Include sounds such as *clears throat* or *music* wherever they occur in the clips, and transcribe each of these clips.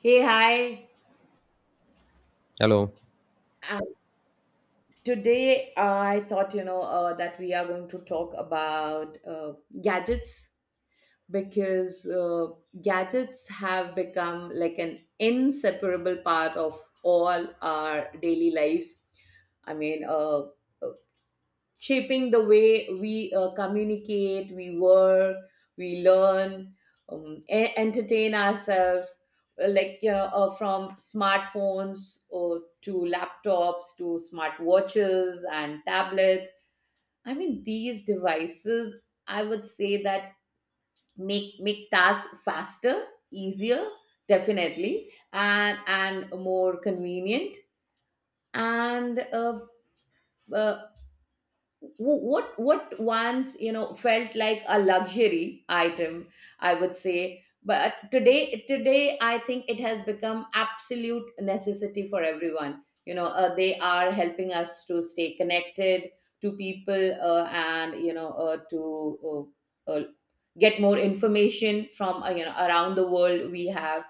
Hey, hi. Hello. Um, Today, I thought, that we are going to talk about gadgets, because gadgets have become like an inseparable part of all our daily lives. I mean, shaping the way we communicate, we work, we learn, entertain ourselves, like, from smartphones or to laptops to smart watches and tablets. I mean, these devices, I would say that make tasks faster, easier, definitely, and more convenient. And uh, what once, felt like a luxury item, I would say, but today I think it has become absolute necessity for everyone. They are helping us to stay connected to people, and, to uh, uh, get more information from, around the world we have.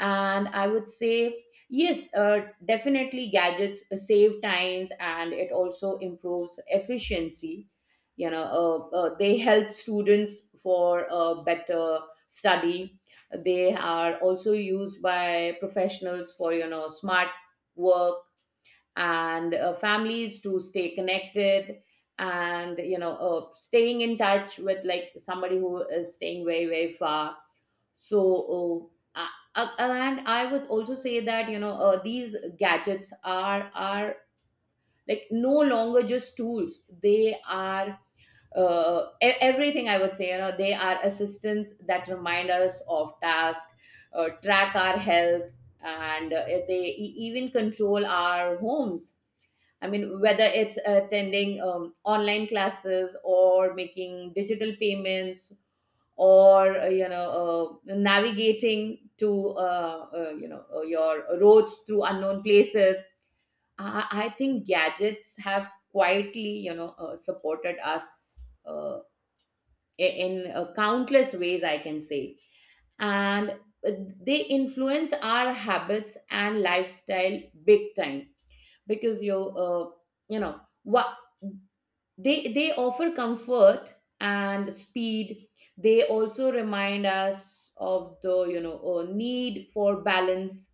And I would say, yes, definitely gadgets save times, and it also improves efficiency. They help students for better study. They are also used by professionals for, smart work, and families to stay connected, and, staying in touch with, like, somebody who is staying very, very far. So and I would also say that, these gadgets are like no longer just tools. They are everything, I would say. They are assistants that remind us of task, track our health, and they even control our homes. I mean, whether it's attending online classes or making digital payments, or navigating to, your roads through unknown places. I think gadgets have quietly, supported us in countless ways, I can say. And uh, they influence our habits and lifestyle big time. Because you know what, they offer comfort and speed. They also remind us of the, need for balance.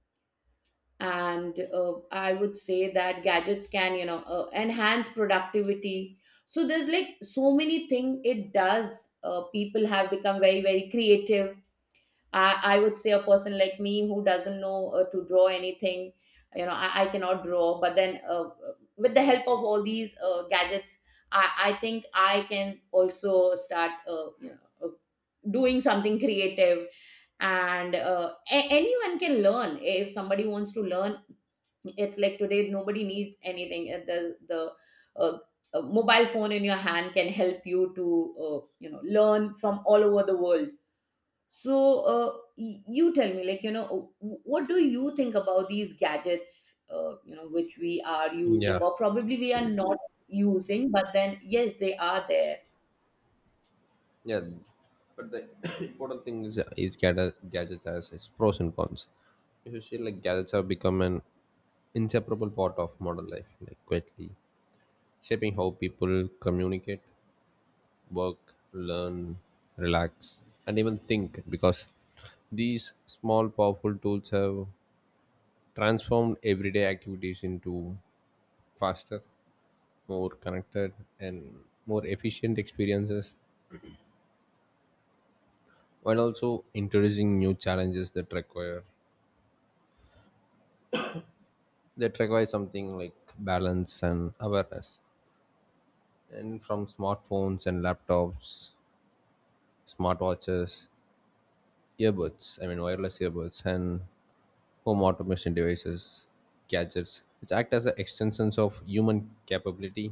And I would say that gadgets can, enhance productivity. So there's, like, so many things it does. People have become very, very creative. I would say, a person like me who doesn't know to draw anything, I cannot draw. But then, with the help of all these gadgets, I think I can also start, doing something creative. And anyone can learn if somebody wants to learn. It's like today nobody needs anything. The uh, a mobile phone in your hand can help you to, learn from all over the world. So, you tell me, like, what do you think about these gadgets, which we are using, Yeah. or probably we are not using. But then, yes, they are there. Yeah. But the *coughs* important thing is gadgets has its pros and cons. If you see, like gadgets have become an inseparable part of modern life, like quietly shaping how people communicate, work, learn, relax, and even think. Because these small, powerful tools have transformed everyday activities into faster, more connected, and more efficient experiences while also introducing new challenges that require something like balance and awareness and from smartphones and laptops, smartwatches, earbuds, wireless earbuds, and home automation devices. Gadgets which act as a extensions of human capability,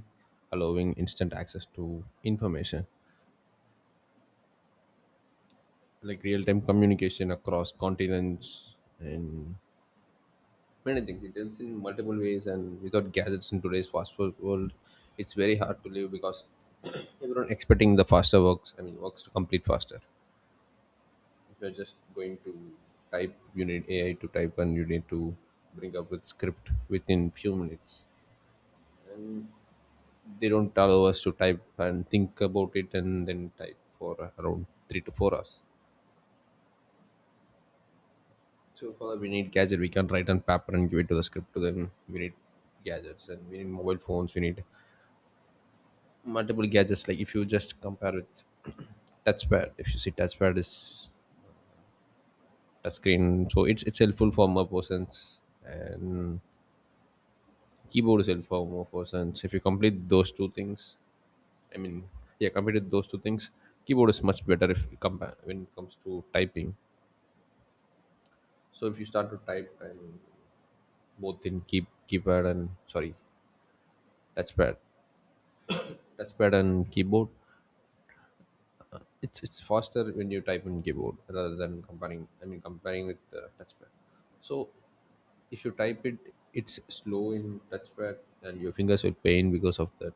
allowing instant access to information, like real-time communication across continents and many things. It helps in multiple ways, and without gadgets in today's fast food world, it's very hard to live because *coughs* *clears throat* everyone expecting the faster works. I mean, works to complete faster. If you're just going to type, you need AI to type, and you need to bring up with script within few minutes. They don't allow us to type and think about it, and then type for around 3 to 4 hours. So for that, we need gadget. We can't write on paper and give it to the script to them. We need gadgets, and we need mobile phones. We need multiple gadgets. Like if you just compare with *clears throat* touchpad, if you see touchpad is touchscreen, so it's helpful for more persons and keyboard is helpful for more persons. If you complete those two things, i mean yeah, completed those two things, keyboard is much better if you compare when it comes to typing. So if you start to type and both in keypad and sorry, touchpad touchpad and keyboard, it's faster when you type in keyboard rather than comparing I mean comparing with touchpad. So if you type it, it's slow in touchpad and your fingers will pain because of that,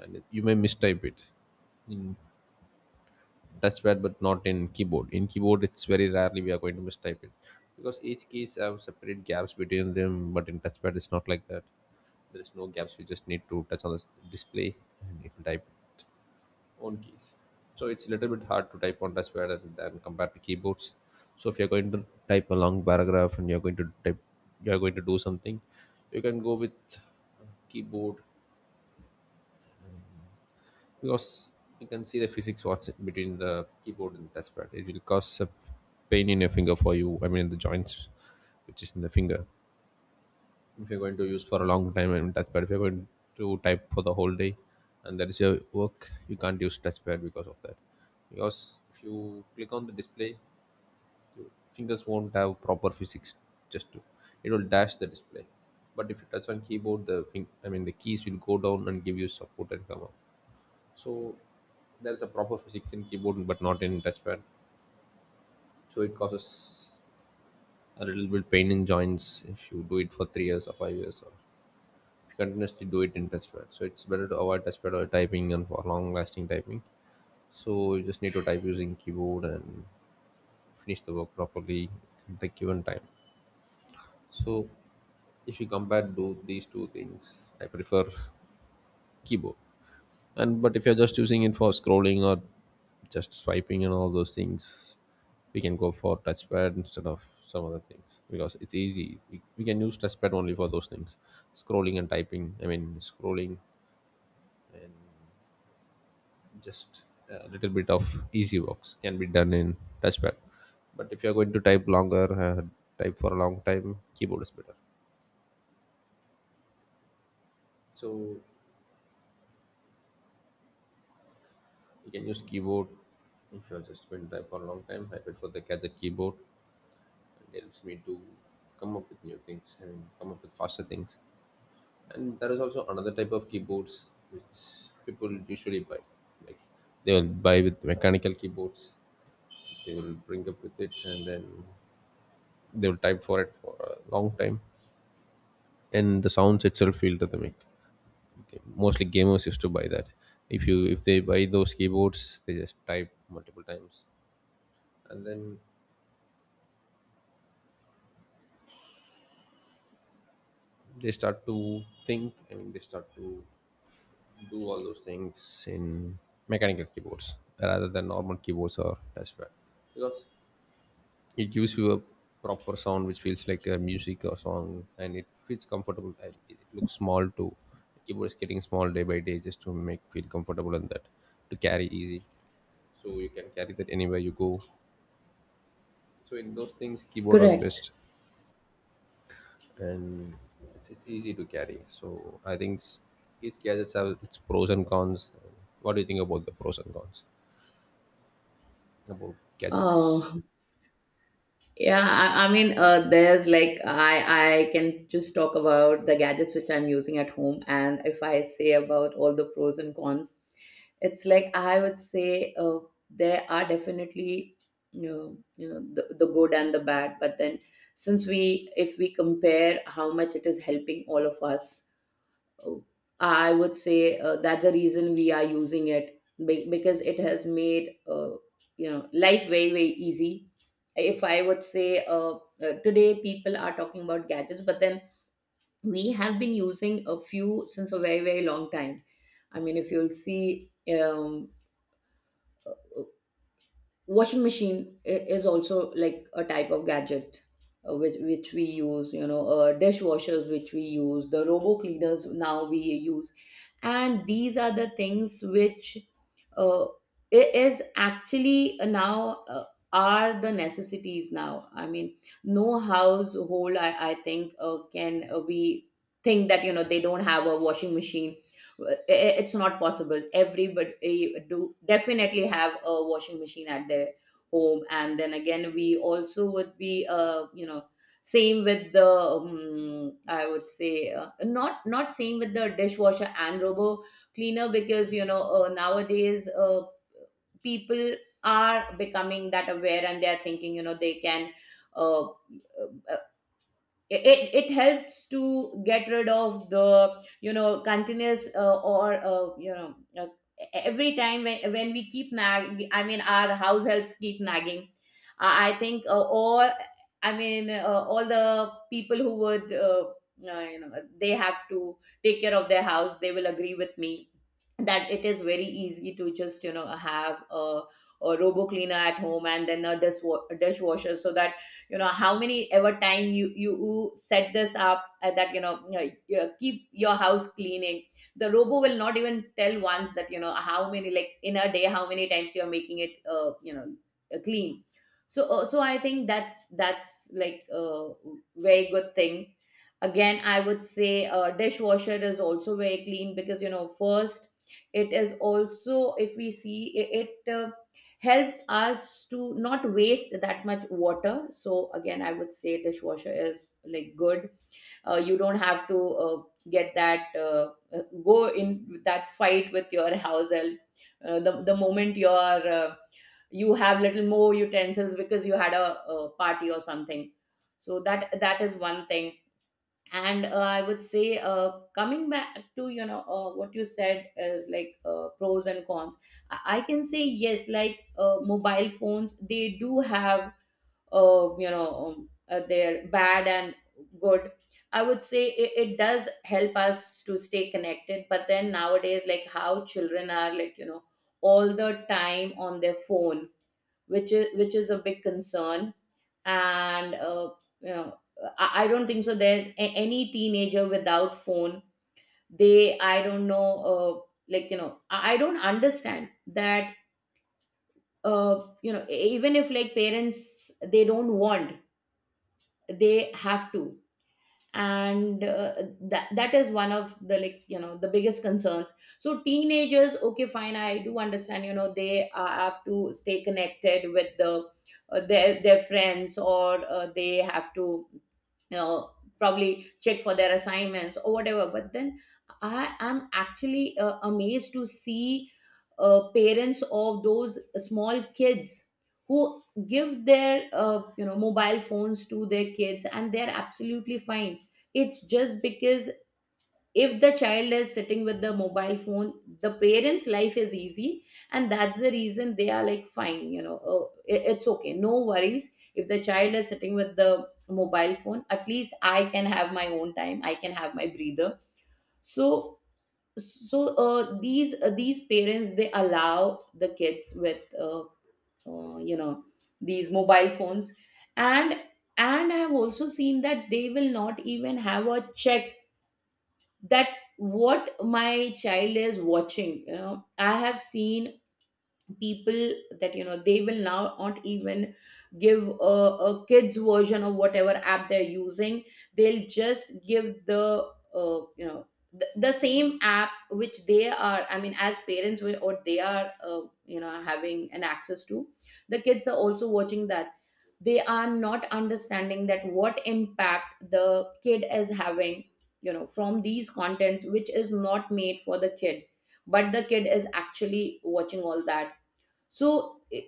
and you may mistype it touchpad, but not in keyboard. In keyboard it's very rarely we are going to mistype it because each keys have separate gaps between them, but in touchpad it's not like that. There is no gaps, we just need to touch on the display and it will type own keys. So it's a little bit hard to type on touchpad and than compared to keyboards. So if you're going to type a long paragraph and you're going to type, you're going to do something, you can go with keyboard because you can see the physics what's between the keyboard and touchpad. It will cause a pain in your finger for you. I mean the joints, which is in the finger. If you're going to use for a long time and touchpad, if you're going to type for the whole day and that is your work, you can't use touchpad because of that, because if you click on the display, fingers won't have proper physics just to, it will dash the display. But if you touch on keyboard, the thing I mean the keys will go down and give you support and come up. So there is a proper physics in keyboard but not in touchpad. So it causes a little bit pain in joints if you do it for 3 years or 5 years or continuously do it in touchpad. So it's better to avoid touchpad or typing and for long lasting typing. So you just need to type using keyboard and finish the work properly at the given time. So if you compare do these two things, I prefer keyboard. And but if you're just using it for scrolling or just swiping and all those things, we can go for touchpad instead of some other things because it's easy. We can use touchpad only for those things, scrolling and typing. I mean, scrolling, just a little bit of easy works can be done in touchpad. But if you're going to type longer, type for a long time, keyboard is better. So you can use keyboard. If you're just going to type for a long time, I prefer the gadget keyboard. It helps me to come up with new things and come up with faster things. And there is also another type of keyboards which people usually buy, like they will buy with mechanical keyboards. They will bring up with it and then they will type for it for a long time, and the sounds itself feel rhythmic. Okay, mostly gamers used to buy that. If you if they buy those keyboards, they just type multiple times, and then they start to think. I mean, they start to do all those things in mechanical keyboards rather than normal keyboards or touchpad, because it gives you a proper sound which feels like a music or song, and it feels comfortable and it looks small too. Keyboard is getting small day by day just to make feel comfortable and that to carry easy, so you can carry that anywhere you go. So in those things keyboard are Correct. best. And it's easy to carry, so each gadgets have its pros and cons. What do you think about the pros and cons about gadgets? Uh, Yeah, I mean, there's, like, I can just talk about the gadgets which I'm using at home, and if I say about all the pros and cons, it's like I would say, there are definitely, you know the good and the bad, but then, since we, if we compare how much it is helping all of us, I would say, that's the reason we are using it, because it has made, life very, very easy. If I would say, today people are talking about gadgets, but then we have been using a few since a very, very long time. I mean, if you'll see, um, washing machine is also like a type of gadget, which we use. You know, dishwashers which we use, the robo cleaners now we use. And these are the things which, uh, i- is actually now, are the necessities now. I mean, no household, I think, can, we think that, they don't have a washing machine. It's not possible, everybody do definitely have a washing machine at their home. And then again, we also would be, same with the, I would say, not same with the dishwasher and robo cleaner, because, nowadays, people are becoming that aware, and they are thinking, they can, uh, uh, it helps to get rid of the, continuous, or, every time when we keep nag, I mean, our house helps keep nagging. I think, all, I mean, all the people who would, uh, you know they have to take care of their house, they will agree with me that it is very easy to just, have a robo cleaner at home, and then a dishwasher, so that, how many ever time you set this up, that, you keep your house cleaning. The robo will not even tell once that, how many, like, in a day, how many times you are making it, clean. So, I think that's like a very good thing. Again, I would say, dishwasher is also very clean, because, first, it is also, if we see, it helps us to not waste that much water. So again, I would say dishwasher is like good. You don't have to, get that, go in that fight with your house help, the moment you have little more utensils, because you had a party or something. So that, is one thing. And I would say, coming back to, what you said, is like, pros and cons, I can say, yes, like, mobile phones, they do have, their bad and good. I would say, it does help us to stay connected, but then nowadays, like, how children are, like, all the time on their phone, which is, a big concern. And you know I don't think so there's any teenager without phone. They, I don't know, like, I don't understand that, even if, like, parents they don't want, they have to. And that is one of the, like, the biggest concerns. So teenagers, okay fine, I do understand, they have to stay connected with the, their friends, or they have to, uh, probably check for their assignments, or whatever. But then I am actually, amazed to see, parents of those small kids who give their, mobile phones to their kids, and they're absolutely fine. It's just because, if the child is sitting with the mobile phone, the parents life is easy, and that's the reason they are, like, fine, oh, it's okay, no worries. If the child is sitting with the mobile phone, at least I can have my own time, I can have my breather. So, these parents, they allow the kids with, uh, you know these mobile phones. And and I have also seen that they will not even have a check, that what my child is watching. I have seen people that, they will now not even give a kids version of whatever app they're using. They'll just give the, uh, you know the same app which they are, I mean, as parents, or they are, having an access to, the kids are also watching that. They are not understanding that what impact the kid is having, from these contents which is not made for the kid, but the kid is actually watching all that. So it,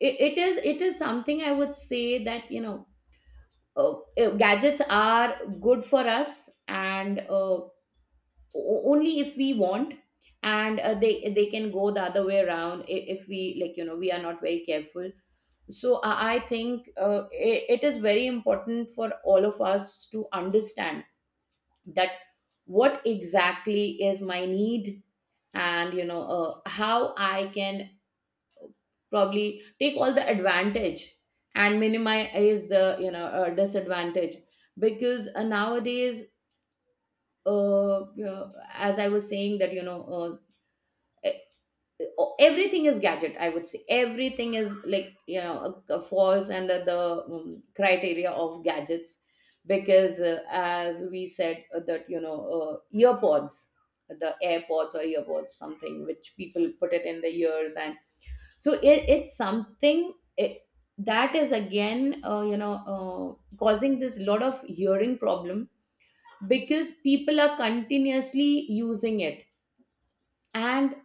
it is it is something, I would say, that, uh, gadgets are good for us, and only if we want. And they can go the other way around, if we, like, we are not very careful. So I think, it is very important for all of us to understand that what exactly is my need, and, how I can probably take all the advantage, and minimize the, disadvantage. Because, nowadays, as I was saying that, uh, e- everything is gadget, I would say. Everything is, like, falls under the, criteria of gadgets, because, as we said, that, earpods, the airpods or earpods, something which people put it in the ears. And so it's something that is again causing this lot of hearing problem because people are continuously using it. And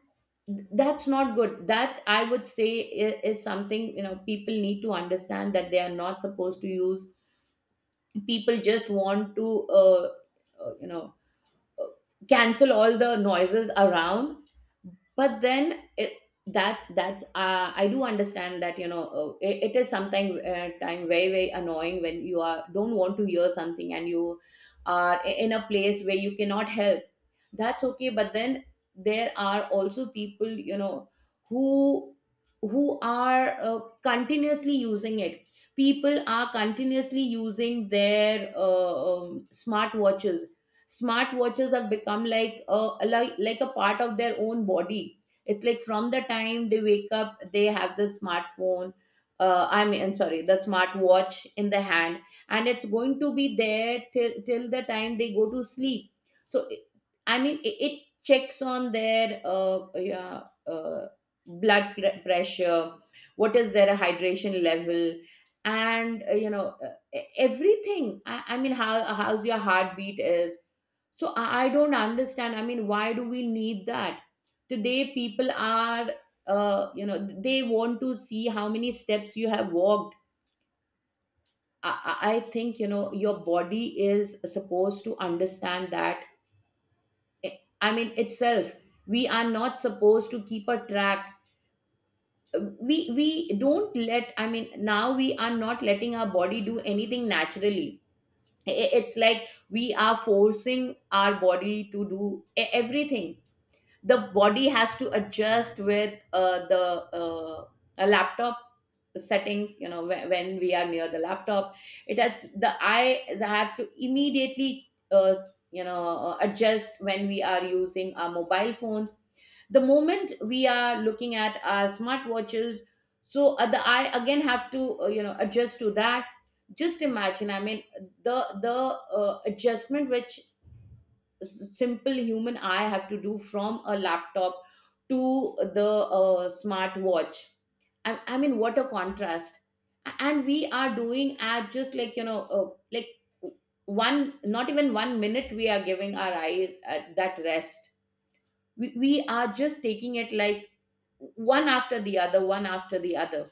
that's not good. That I would say is something, you know, people need to understand that they are not supposed to use. People just want to uh, you know cancel all the noises around. But then it, that that's I do understand that it is sometimes time very, very annoying when you are don't want to hear something and you are in a place where you cannot help. That's okay, but then there are also people, you know, who who are continuously using it. People are continuously using their smartwatches. Smartwatches have become like a like a part of their own body. It's like from the time they wake up, they have the smartphone, I mean, I'm sorry, the smartwatch in the hand, and it's going to be there till the time they go to sleep. So I mean it checks on their pressure, what is their hydration level, and everything. I mean, how's your heartbeat is. So I don't understand. I mean, why do we need that? Today, people are, they want to see how many steps you have walked. I think, you know, your body is supposed to understand that. I mean, itself, we are not supposed to keep a track. We don't let, I mean, now we are not letting our body do anything naturally. It's like we are forcing our body to do everything. The body has to adjust with the uh, a laptop settings, you know, when we are near the laptop. It has the eyes have to immediately adjust when we are using our mobile phones, the moment we are looking at our smartwatches. So the eye again have to adjust to that. Just imagine, I mean, the the adjustment which simple human eye have to do from a laptop to the smart watch. I mean, what a contrast! And we are doing at just like, you know, one, not even 1 minute, we are giving our eyes at that rest. We are just taking it like one after the other, one after the other,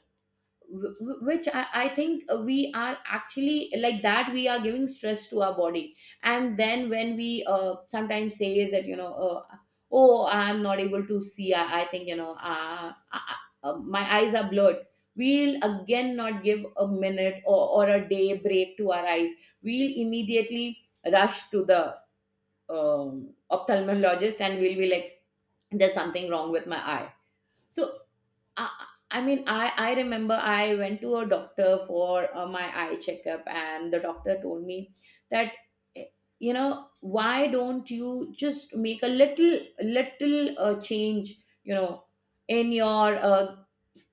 which I think we are actually like that, we are giving stress to our body. And then when we sometimes say is that, you know, oh, I'm not able to see. I think, you know, my eyes are blurred. We'll again not give a minute or a day break to our eyes. We'll immediately rush to the ophthalmologist and we'll be like, there's something wrong with my eye. So I, I mean, I remember I went to a doctor for my eye checkup, and the doctor told me that, eh, you know, why don't you just make a little change, you know, in your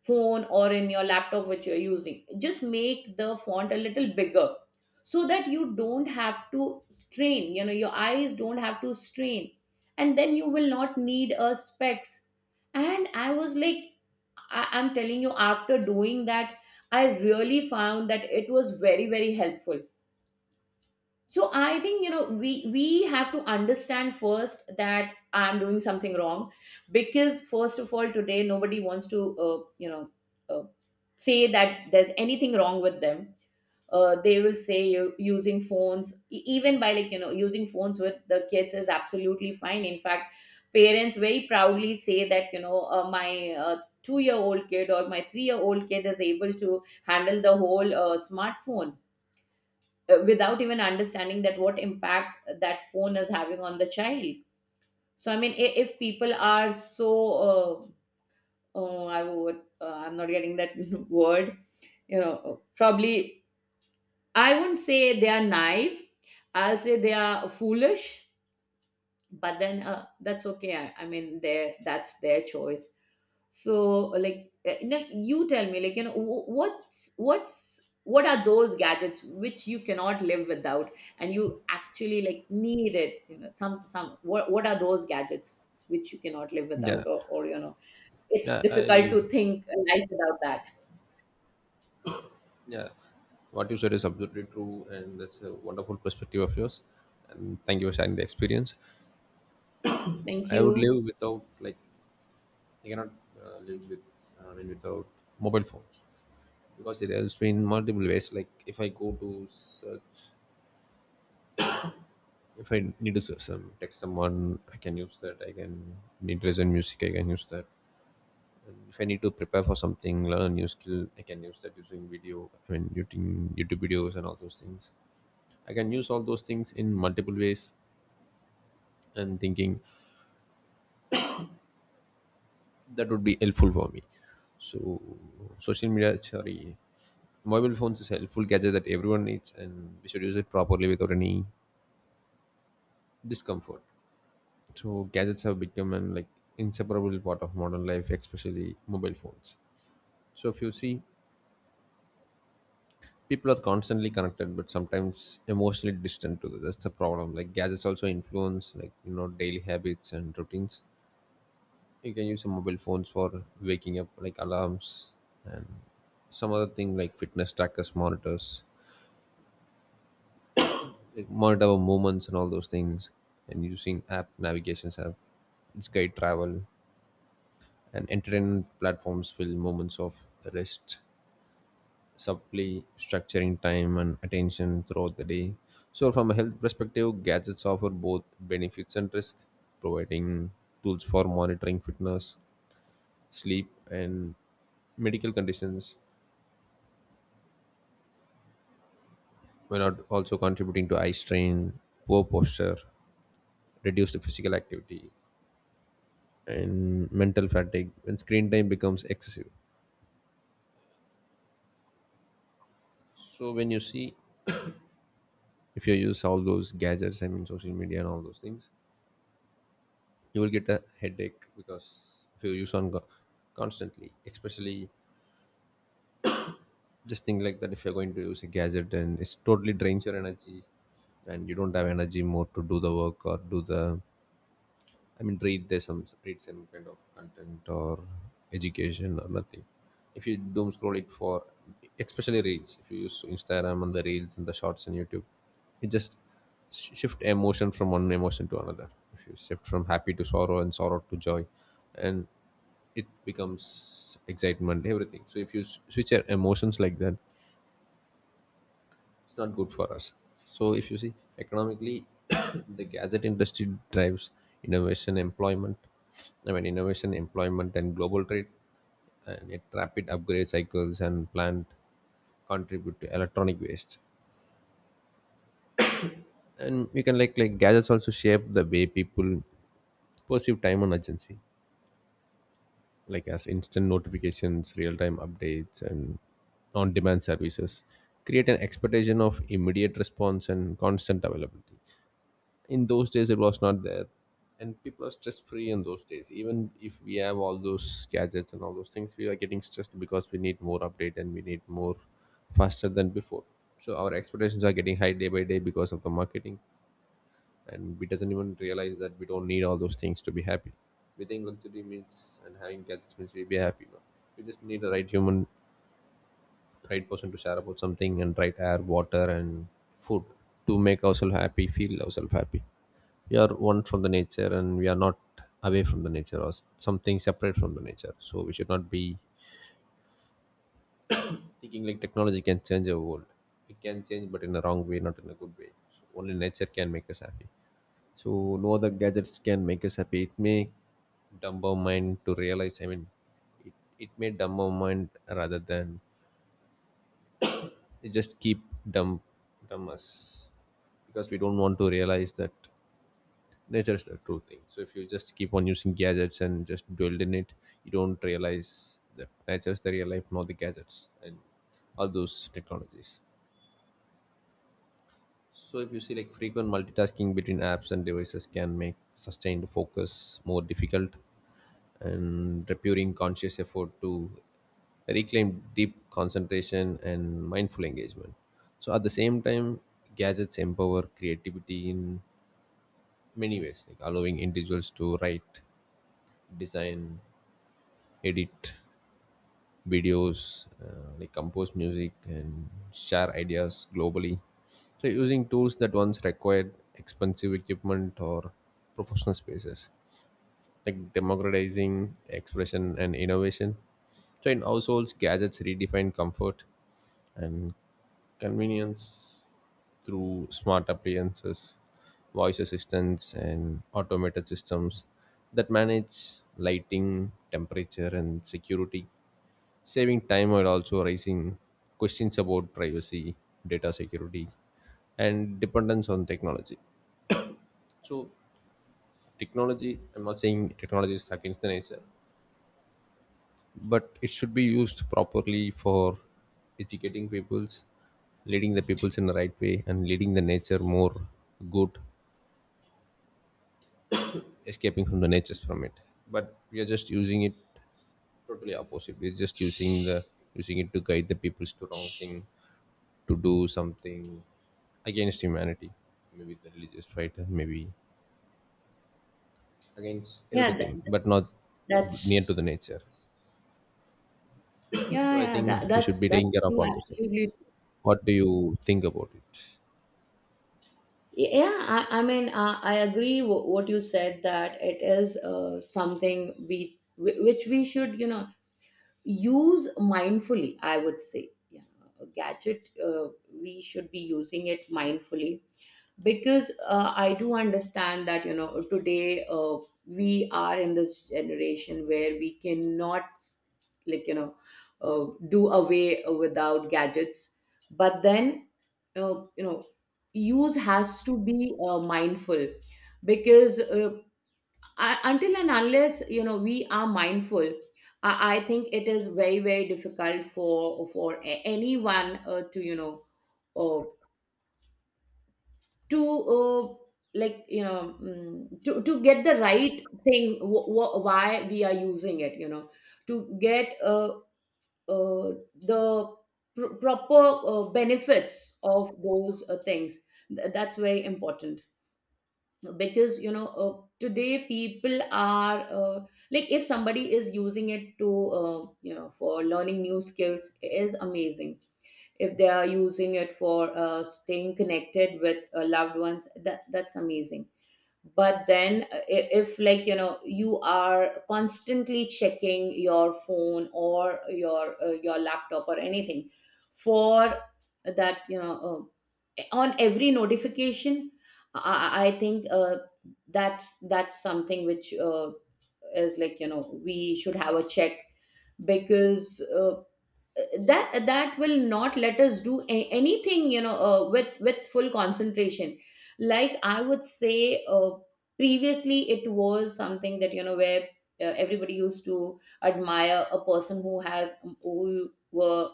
phone or in your laptop which you're using? Just make the font a little bigger so that you don't have to strain, you know, your eyes don't have to strain, and then you will not need a specs. And I was like, I'm telling you, after doing that, I really found that it was very, very helpful. So I think, you know, we have to understand first that I'm doing something wrong, because first of all, today nobody wants to uh, say that there's anything wrong with them. They will say, you using phones, even by, like, you know, using phones with the kids is absolutely fine. In fact, parents very proudly say that, you know, my 2 year old kid or my 3 year old kid is able to handle the whole smartphone, without even understanding that what impact that phone is having on the child. So I mean, if people are so uh, oh, I would I'm not getting that *laughs* word, you know, probably I wouldn't say they are naive. I'll say they are foolish, but then that's okay. I mean, their that's their choice. So, like, you, know, you tell me, like, you know, what are those gadgets which you cannot live without, and you actually like need it? You know, some what are those gadgets which you cannot live Yeah. without, or you know, it's yeah I difficult live to think a life without that. Yeah, what you said is absolutely true and that's a wonderful perspective of yours, and thank you for sharing the experience. Thank I would live you. without, like I cannot live with I mean without mobile phones, because it helps me in multiple ways. Like if I go to search, if I need to search some text someone, I can use that. I can need to listen music, I can use that. And if I need to prepare for something, learn a new skill, I can use that using video I mean using YouTube videos and all those things. I can use all those things in multiple ways, and thinking that would be helpful for me. So social media sorry mobile phones is a helpful gadget that everyone needs, and we should use it properly without any discomfort. So gadgets have become an like inseparable part of modern life, especially mobile phones. So if you see, people are constantly connected, but sometimes emotionally distant to that. That's the problem. Like gadgets also influence like you know daily habits and routines. You can use your mobile phones for waking up, like alarms, and some other thing like fitness trackers, monitors, like monitor our movements and all those things. And using app navigations app, it's guide travel and entertainment platforms fill moments of rest, subtly structuring time and attention throughout the day. So, from a health perspective, gadgets offer both benefits and risk, providing tools for monitoring fitness, sleep, and medical conditions, while not also contributing to eye strain, poor posture, reduced physical activity, and mental fatigue when screen time becomes excessive. So when you see, if you use all those gadgets, I mean social media and all those things, you will get a headache because if you use on constantly, especially, just think like that, if you're going to use a gadget and it's totally drains your energy and you don't have energy more to do the work or do the, I mean, read some kind of content or education or nothing. If you doom scroll it for, especially reels, if you use Instagram and the reels and the shorts and YouTube, it just shift emotion from one emotion to another. If you shift from happy to sorrow and sorrow to joy, and it becomes excitement, everything. So if you switch your emotions like that, it's not good for us. So if you see economically, *coughs* the gadget industry drives innovation, employment. Innovation, employment, and global trade, and it rapid upgrade cycles and plant contribute to electronic waste. And you can like gadgets also shape the way people perceive time and urgency, like as instant notifications, real time updates, and on demand services create an expectation of immediate response and constant availability. In those days it was not there, and people are stress free in those days. Even if we have all those gadgets and all those things, we are getting stressed because we need more update and we need more faster than before. So our expectations are getting high day by day because of the marketing, and we doesn't even realize that we don't need all those things to be happy. We think luxury means and having gadgets means we'll be happy. No, we just need the right human, right person to share about something, and right air, water, and food to make ourselves happy, feel ourselves happy. We are one from the nature and we are not away from the nature, or something separate from the nature. So we should not be thinking like technology can change our world. It can change, but in a wrong way, not in a good way. So only nature can make us happy, so no other gadgets can make us happy. It may dumb our mind to realize, it, it may dumb our mind rather than, it just keep dumb dumb us, because we don't want to realize that nature is the true thing. So if you just keep on using gadgets and just dwell in it, you don't realize that nature is the real life, not the gadgets and all those technologies. So if you see, like frequent multitasking between apps and devices can make sustained focus more difficult, and requiring conscious effort to reclaim deep concentration and mindful engagement. So at the same time, gadgets empower creativity in many ways, like allowing individuals to write, design, edit videos, like compose music, and share ideas globally. So using tools that once required expensive equipment or professional spaces, like democratizing expression and innovation. So in households, gadgets redefine comfort and convenience through smart appliances, voice assistants, and automated systems that manage lighting, temperature, and security, saving time while also raising questions about privacy, data security, and dependence on technology. So, technology, I'm not saying technology is against the nature, but it should be used properly for educating peoples, leading the peoples in the right way, and leading the nature more good, escaping from the natures from it. But we are just using it totally opposite. We're just using the Using it to guide the peoples to wrong thing, to do something against humanity, maybe the religious fight, and maybe against Yeah, th- everything, but not near to that's the nature. So yeah, I yeah, think we should be that's taking care of true, all those things. absolutely. What do you think about it? Yeah, I mean, I agree what you said that it is something we which we should, you know, use mindfully. I would say, yeah, a gadget we should be using it mindfully, because I do understand that, you know, today we are in this generation where we cannot, like, you know, do away without gadgets, but then uh, you know use has to be mindful, because I, until and unless, you know, we are mindful, I think it is very, very difficult for anyone to, you know, uh, to like, you know, to get the right thing, why we are using it, you know, to get the proper benefits of those things. That's very important, because, you know, today people are like, if somebody is using it to you know, for learning new skills, it is amazing. If they are using it for staying connected with loved ones, that that's amazing. But then if, like, you know, you are constantly checking your phone or your laptop or anything for that, you know, on every notification, I think that's something which is, like, you know, we should have a check, because that that will not let us do anything, you know, with full concentration. Like, I would say previously it was something that, you know, where everybody used to admire a person who has who were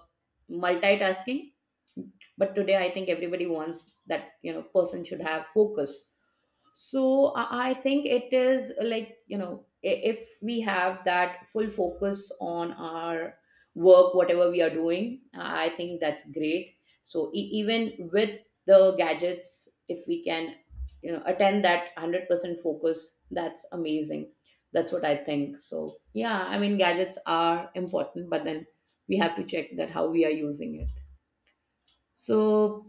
multitasking, but today I think everybody wants that, you know, person should have focus. So I think it is like, you know, if we have that full focus on our work, whatever we are doing, I think that's great. So even with the gadgets, if we can, you know, attend that 100% focus, that's amazing. That's what I think. So yeah, I mean, gadgets are important, but then we have to check that how we are using it. So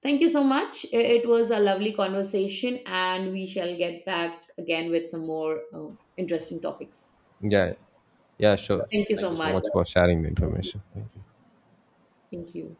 thank you so much. It was a lovely conversation, and we shall get back again with some more interesting topics. Yeah, yeah, sure. Thank you Thank so you so much. much for sharing the Thank you. information. Thank you. Thank you.